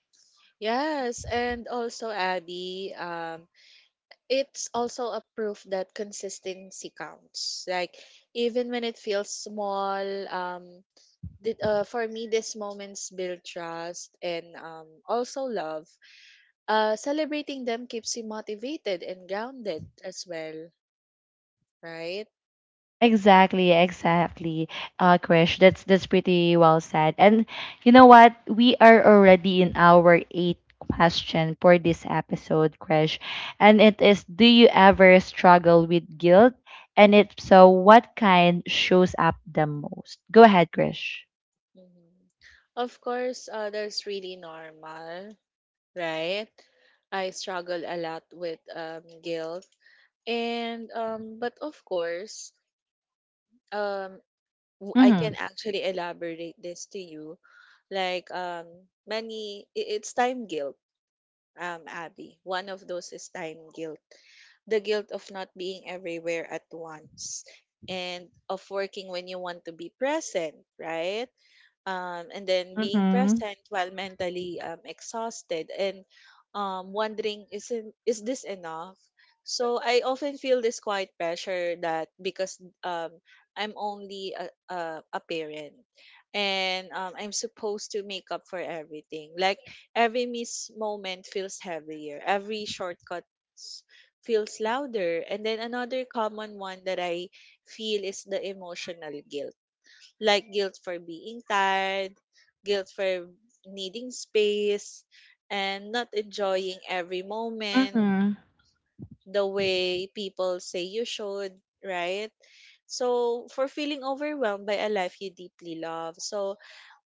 Yes, and also Abby, it's also a proof that consistency counts. Like even when it feels small, um, for me these moments build trust and also love. Celebrating them keeps you motivated and grounded as well, right?
Exactly, exactly. Krish, that's pretty well said. And you know what? We are already in our eighth question for this episode, Krish. And it is, do you ever struggle with guilt? And if so, what kind shows up the most? Go ahead, Krish.
Mhm. Of course, that's really normal, right? I struggle a lot with guilt, and but of course, um, I
Mm-hmm.
can actually elaborate this to you. Like many, it's time guilt. Abby, one of those is time guilt, the guilt of not being everywhere at once, and of working when you want to be present, right? And then being
Mm-hmm.
present while mentally exhausted and wondering, is this enough? So I often feel this quiet pressure that because um, I'm only a parent and I'm supposed to make up for everything, like every missed moment feels heavier, every shortcut s- feels louder. And then another common one that I feel is the emotional guilt, like guilt for being tired, guilt for needing space, and not enjoying every moment
Mm-hmm.
the way people say you should, right? So, for feeling overwhelmed by a life you deeply love. So,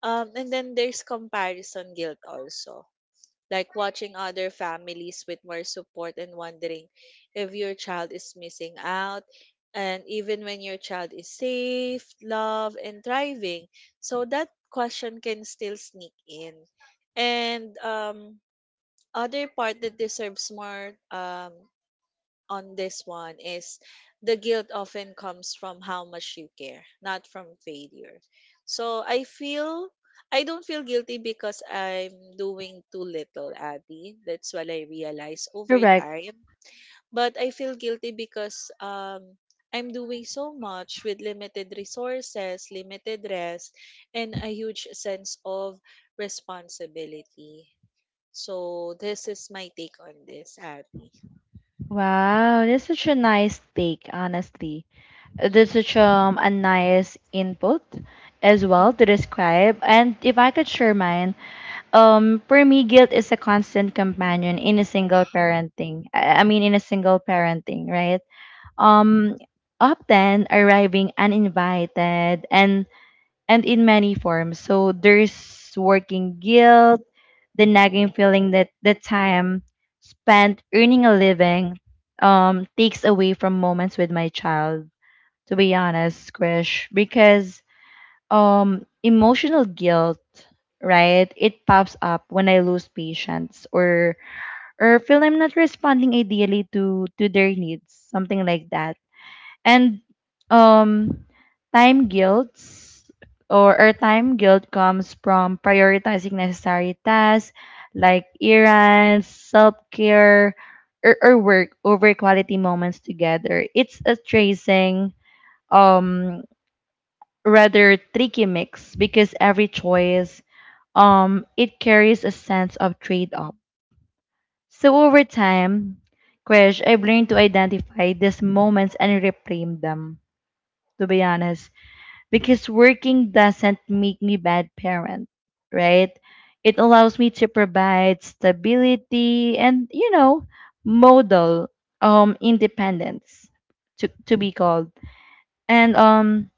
and then there's comparison guilt also, like watching other families with more support and wondering if your child is missing out, and even when your child is safe, loved, and thriving. So that question can still sneak in. And other part that deserves more on this one is the guilt often comes from how much you care, not from failure. So I feel I don't feel guilty because I'm doing too little, Abby. That's what I realize over
Correct.
time. But I feel guilty because I'm doing so much with limited resources, limited rest, and a huge sense of responsibility. So this is my take on this, Abby.
Wow, that's such a nice take, honestly. That's such
Mhm.
a nice input as well to describe. And if I could share mine, for me, guilt is a constant companion in a single parenting. I mean, in a single parenting, right? Um, often arriving uninvited and in many forms. So there's working guilt, the nagging feeling that the time spent earning a living takes away from moments with my child, to be honest, Krish, because emotional guilt, right? It pops up when I lose patience or feel I'm not responding ideally to their needs, something like that. And um time guilt or time guilt comes from prioritizing necessary tasks like errands, self-care, or work over quality moments together. It's a tracing um rather tricky mix because every choice it carries a sense of trade-off. So over time, Krish, I've learned to identify these moments and reframe them, to be honest. Because working doesn't make me bad parent, right? It allows me to provide stability and, you know, model independence, to be called. And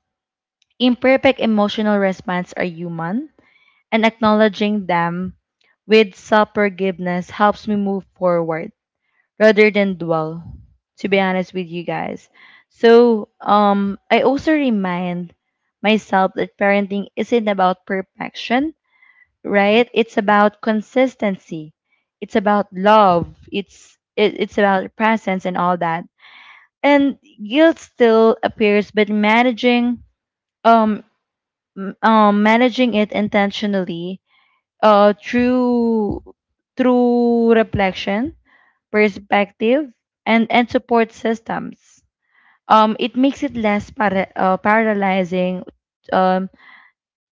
imperfect emotional response are human, and acknowledging them with self forgiveness helps me move forward rather than dwell, to be honest with you guys. So, I also remind myself that parenting isn't about perfection, right? It's about consistency, it's about love, it's about presence and all that. And guilt still appears, but managing um managing it intentionally through reflection, perspective, and support systems. It makes it less paralyzing um,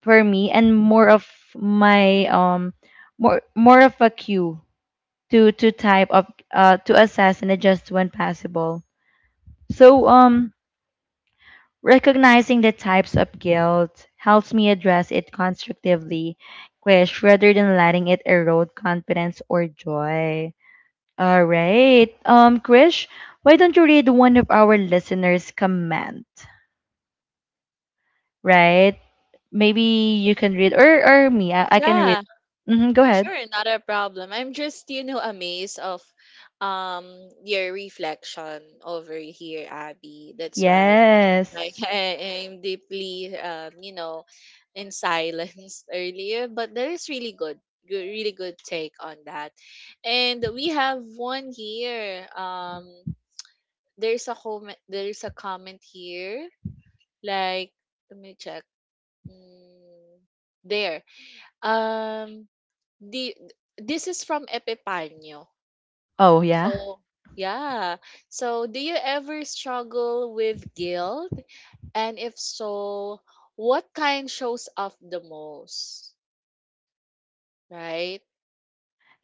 for me and more of my more more of a cue to type of to assess and adjust when possible. So recognizing the types of guilt helps me address it constructively, Krish, rather than letting it erode confidence or joy. All right. Krish, why don't you read one of our listeners' comment, right? Maybe you can read, or me, I can read.
Yeah.
Mm-hmm, go ahead.
Sure, not a problem. I'm just, you know, amazed of um your reflection over here, Abby. That's why
Yes.
like (laughs) I am deeply you know, in silence (laughs) earlier, but there is really good good really good take on that. And we have one here. There's a comment, there's a comment here. Like let me check. Mm, there. Um the this is from Epipanyo.
Oh yeah.
So, yeah. So, do you ever struggle with guilt? And if so, what kind shows up the most? Right?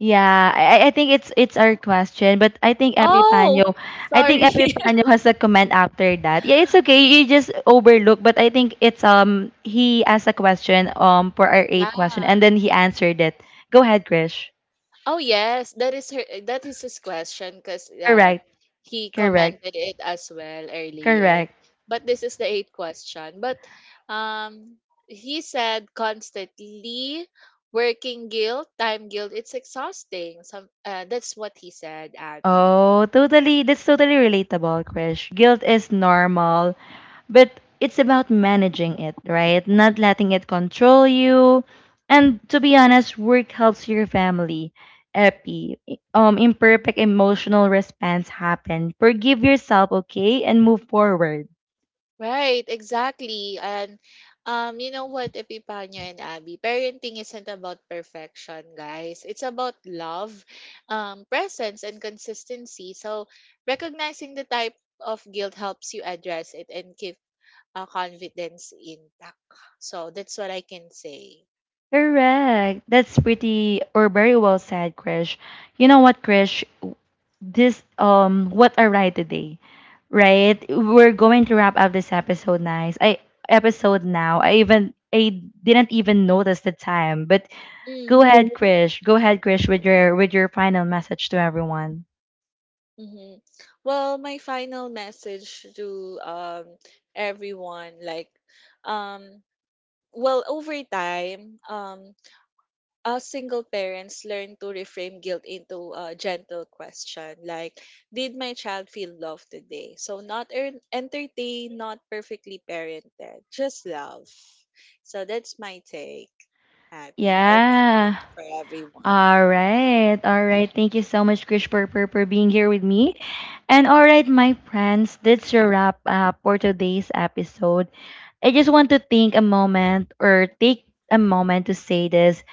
Yeah, I I think it's our question, but
Oh,
I think
sorry.
Epipanyo has a comment after that. Yeah, it's okay. You just overlook, but I think it's he asked a question for our
(laughs) Yeah.
eighth question, and then he answered it. Go ahead, Krish.
Oh yes, that is her. That is his question because
Correct.
he
Correct.
commented it as well earlier.
Correct.
But this is the eighth question. But um, he said constantly working guilt, time guilt. It's exhausting. Some That's what he said, Abby.
Oh, totally. That's totally relatable, Krish. Guilt is normal, but it's about managing it, right? Not letting it control you. And to be honest, work helps your family, Epi. Imperfect emotional response happen. Forgive yourself, okay, and move forward.
Right, exactly. And you know what, Epipanya and Abby, parenting isn't about perfection, guys. It's about love, presence, and consistency. So recognizing the type of guilt helps you address it and keep confidence intact. So that's what I can say.
Correct. That's pretty or very well said, Krish. You know what, Krish? This what a ride today, right? We're going to wrap up this episode nice. I episode now i even i didn't even notice the time. But go
Mm-hmm.
ahead, Krish, go ahead, Krish, with your final message to everyone.
Mm-hmm. Well, my final message to everyone, like um well over time, us single parents learn to reframe guilt into a gentle question like did my child feel love today? So not entertain, not perfectly parented, just love. So that's my take, Abby, or
Yeah.
message for everyone.
All right, all right, thank you so much, Krish, for being here with me. And all right my friends, that's your wrap up for today's episode. I just want to think a moment or take a moment to say this.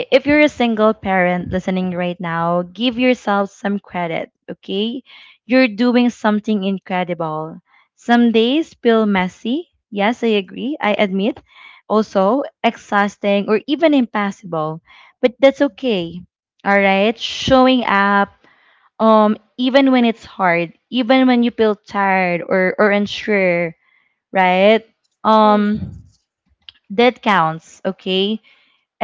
If you're a single parent listening right now, give yourself some credit, okay? You're doing something incredible. Some days feel messy. Yes, I agree. I admit. Also, exhausting or even impossible. But that's
Mhm.
okay. All right? Showing up even when it's hard, even when you feel tired or unsure, right?
Mhm.
Um that counts, okay?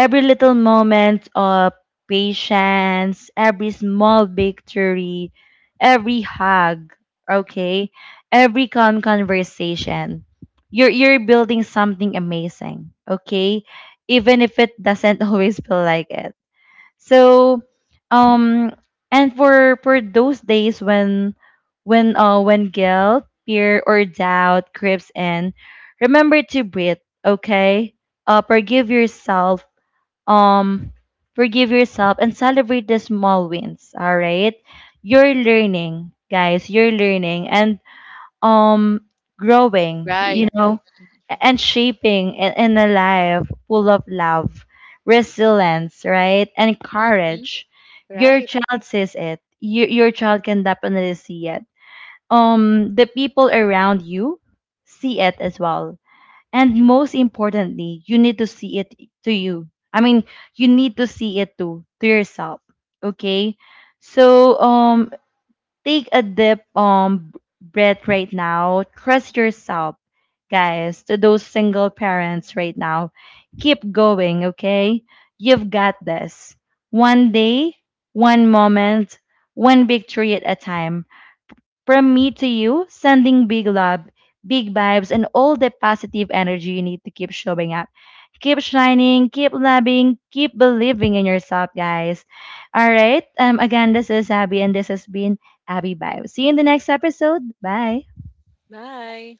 Mhm.
little moment of patience, every small victory, every hug, okay? Every conversation. You're building something amazing, okay? Even if it doesn't (laughs) always feel like it. So, um and for those days when when guilt, fear or doubt creeps in, remember to breathe, okay? Forgive yourself, um and celebrate the small wins, all right? You're learning, guys, you're learning, and um growing,
Right.
you know, and shaping in a life full of love, resilience, right, and
Mhm.
courage. Your
Right.
child sees it, your child can definitely see it. Um, the people around you see it as well. And most importantly, you need to see it to you. I mean, you need to see it to yourself. Okay? So take a deep breath right now. Trust yourself, guys, to those single parents right now. Keep going, okay? You've got this. One day, one moment, one victory at a time. From me to you, sending big love, big vibes, and all the positive energy you need to keep showing up. Keep shining, keep loving, keep believing in yourself, guys. All right. Again, this is Abby, and this has been Abby Vibes. See you in the next episode. Bye.
Bye.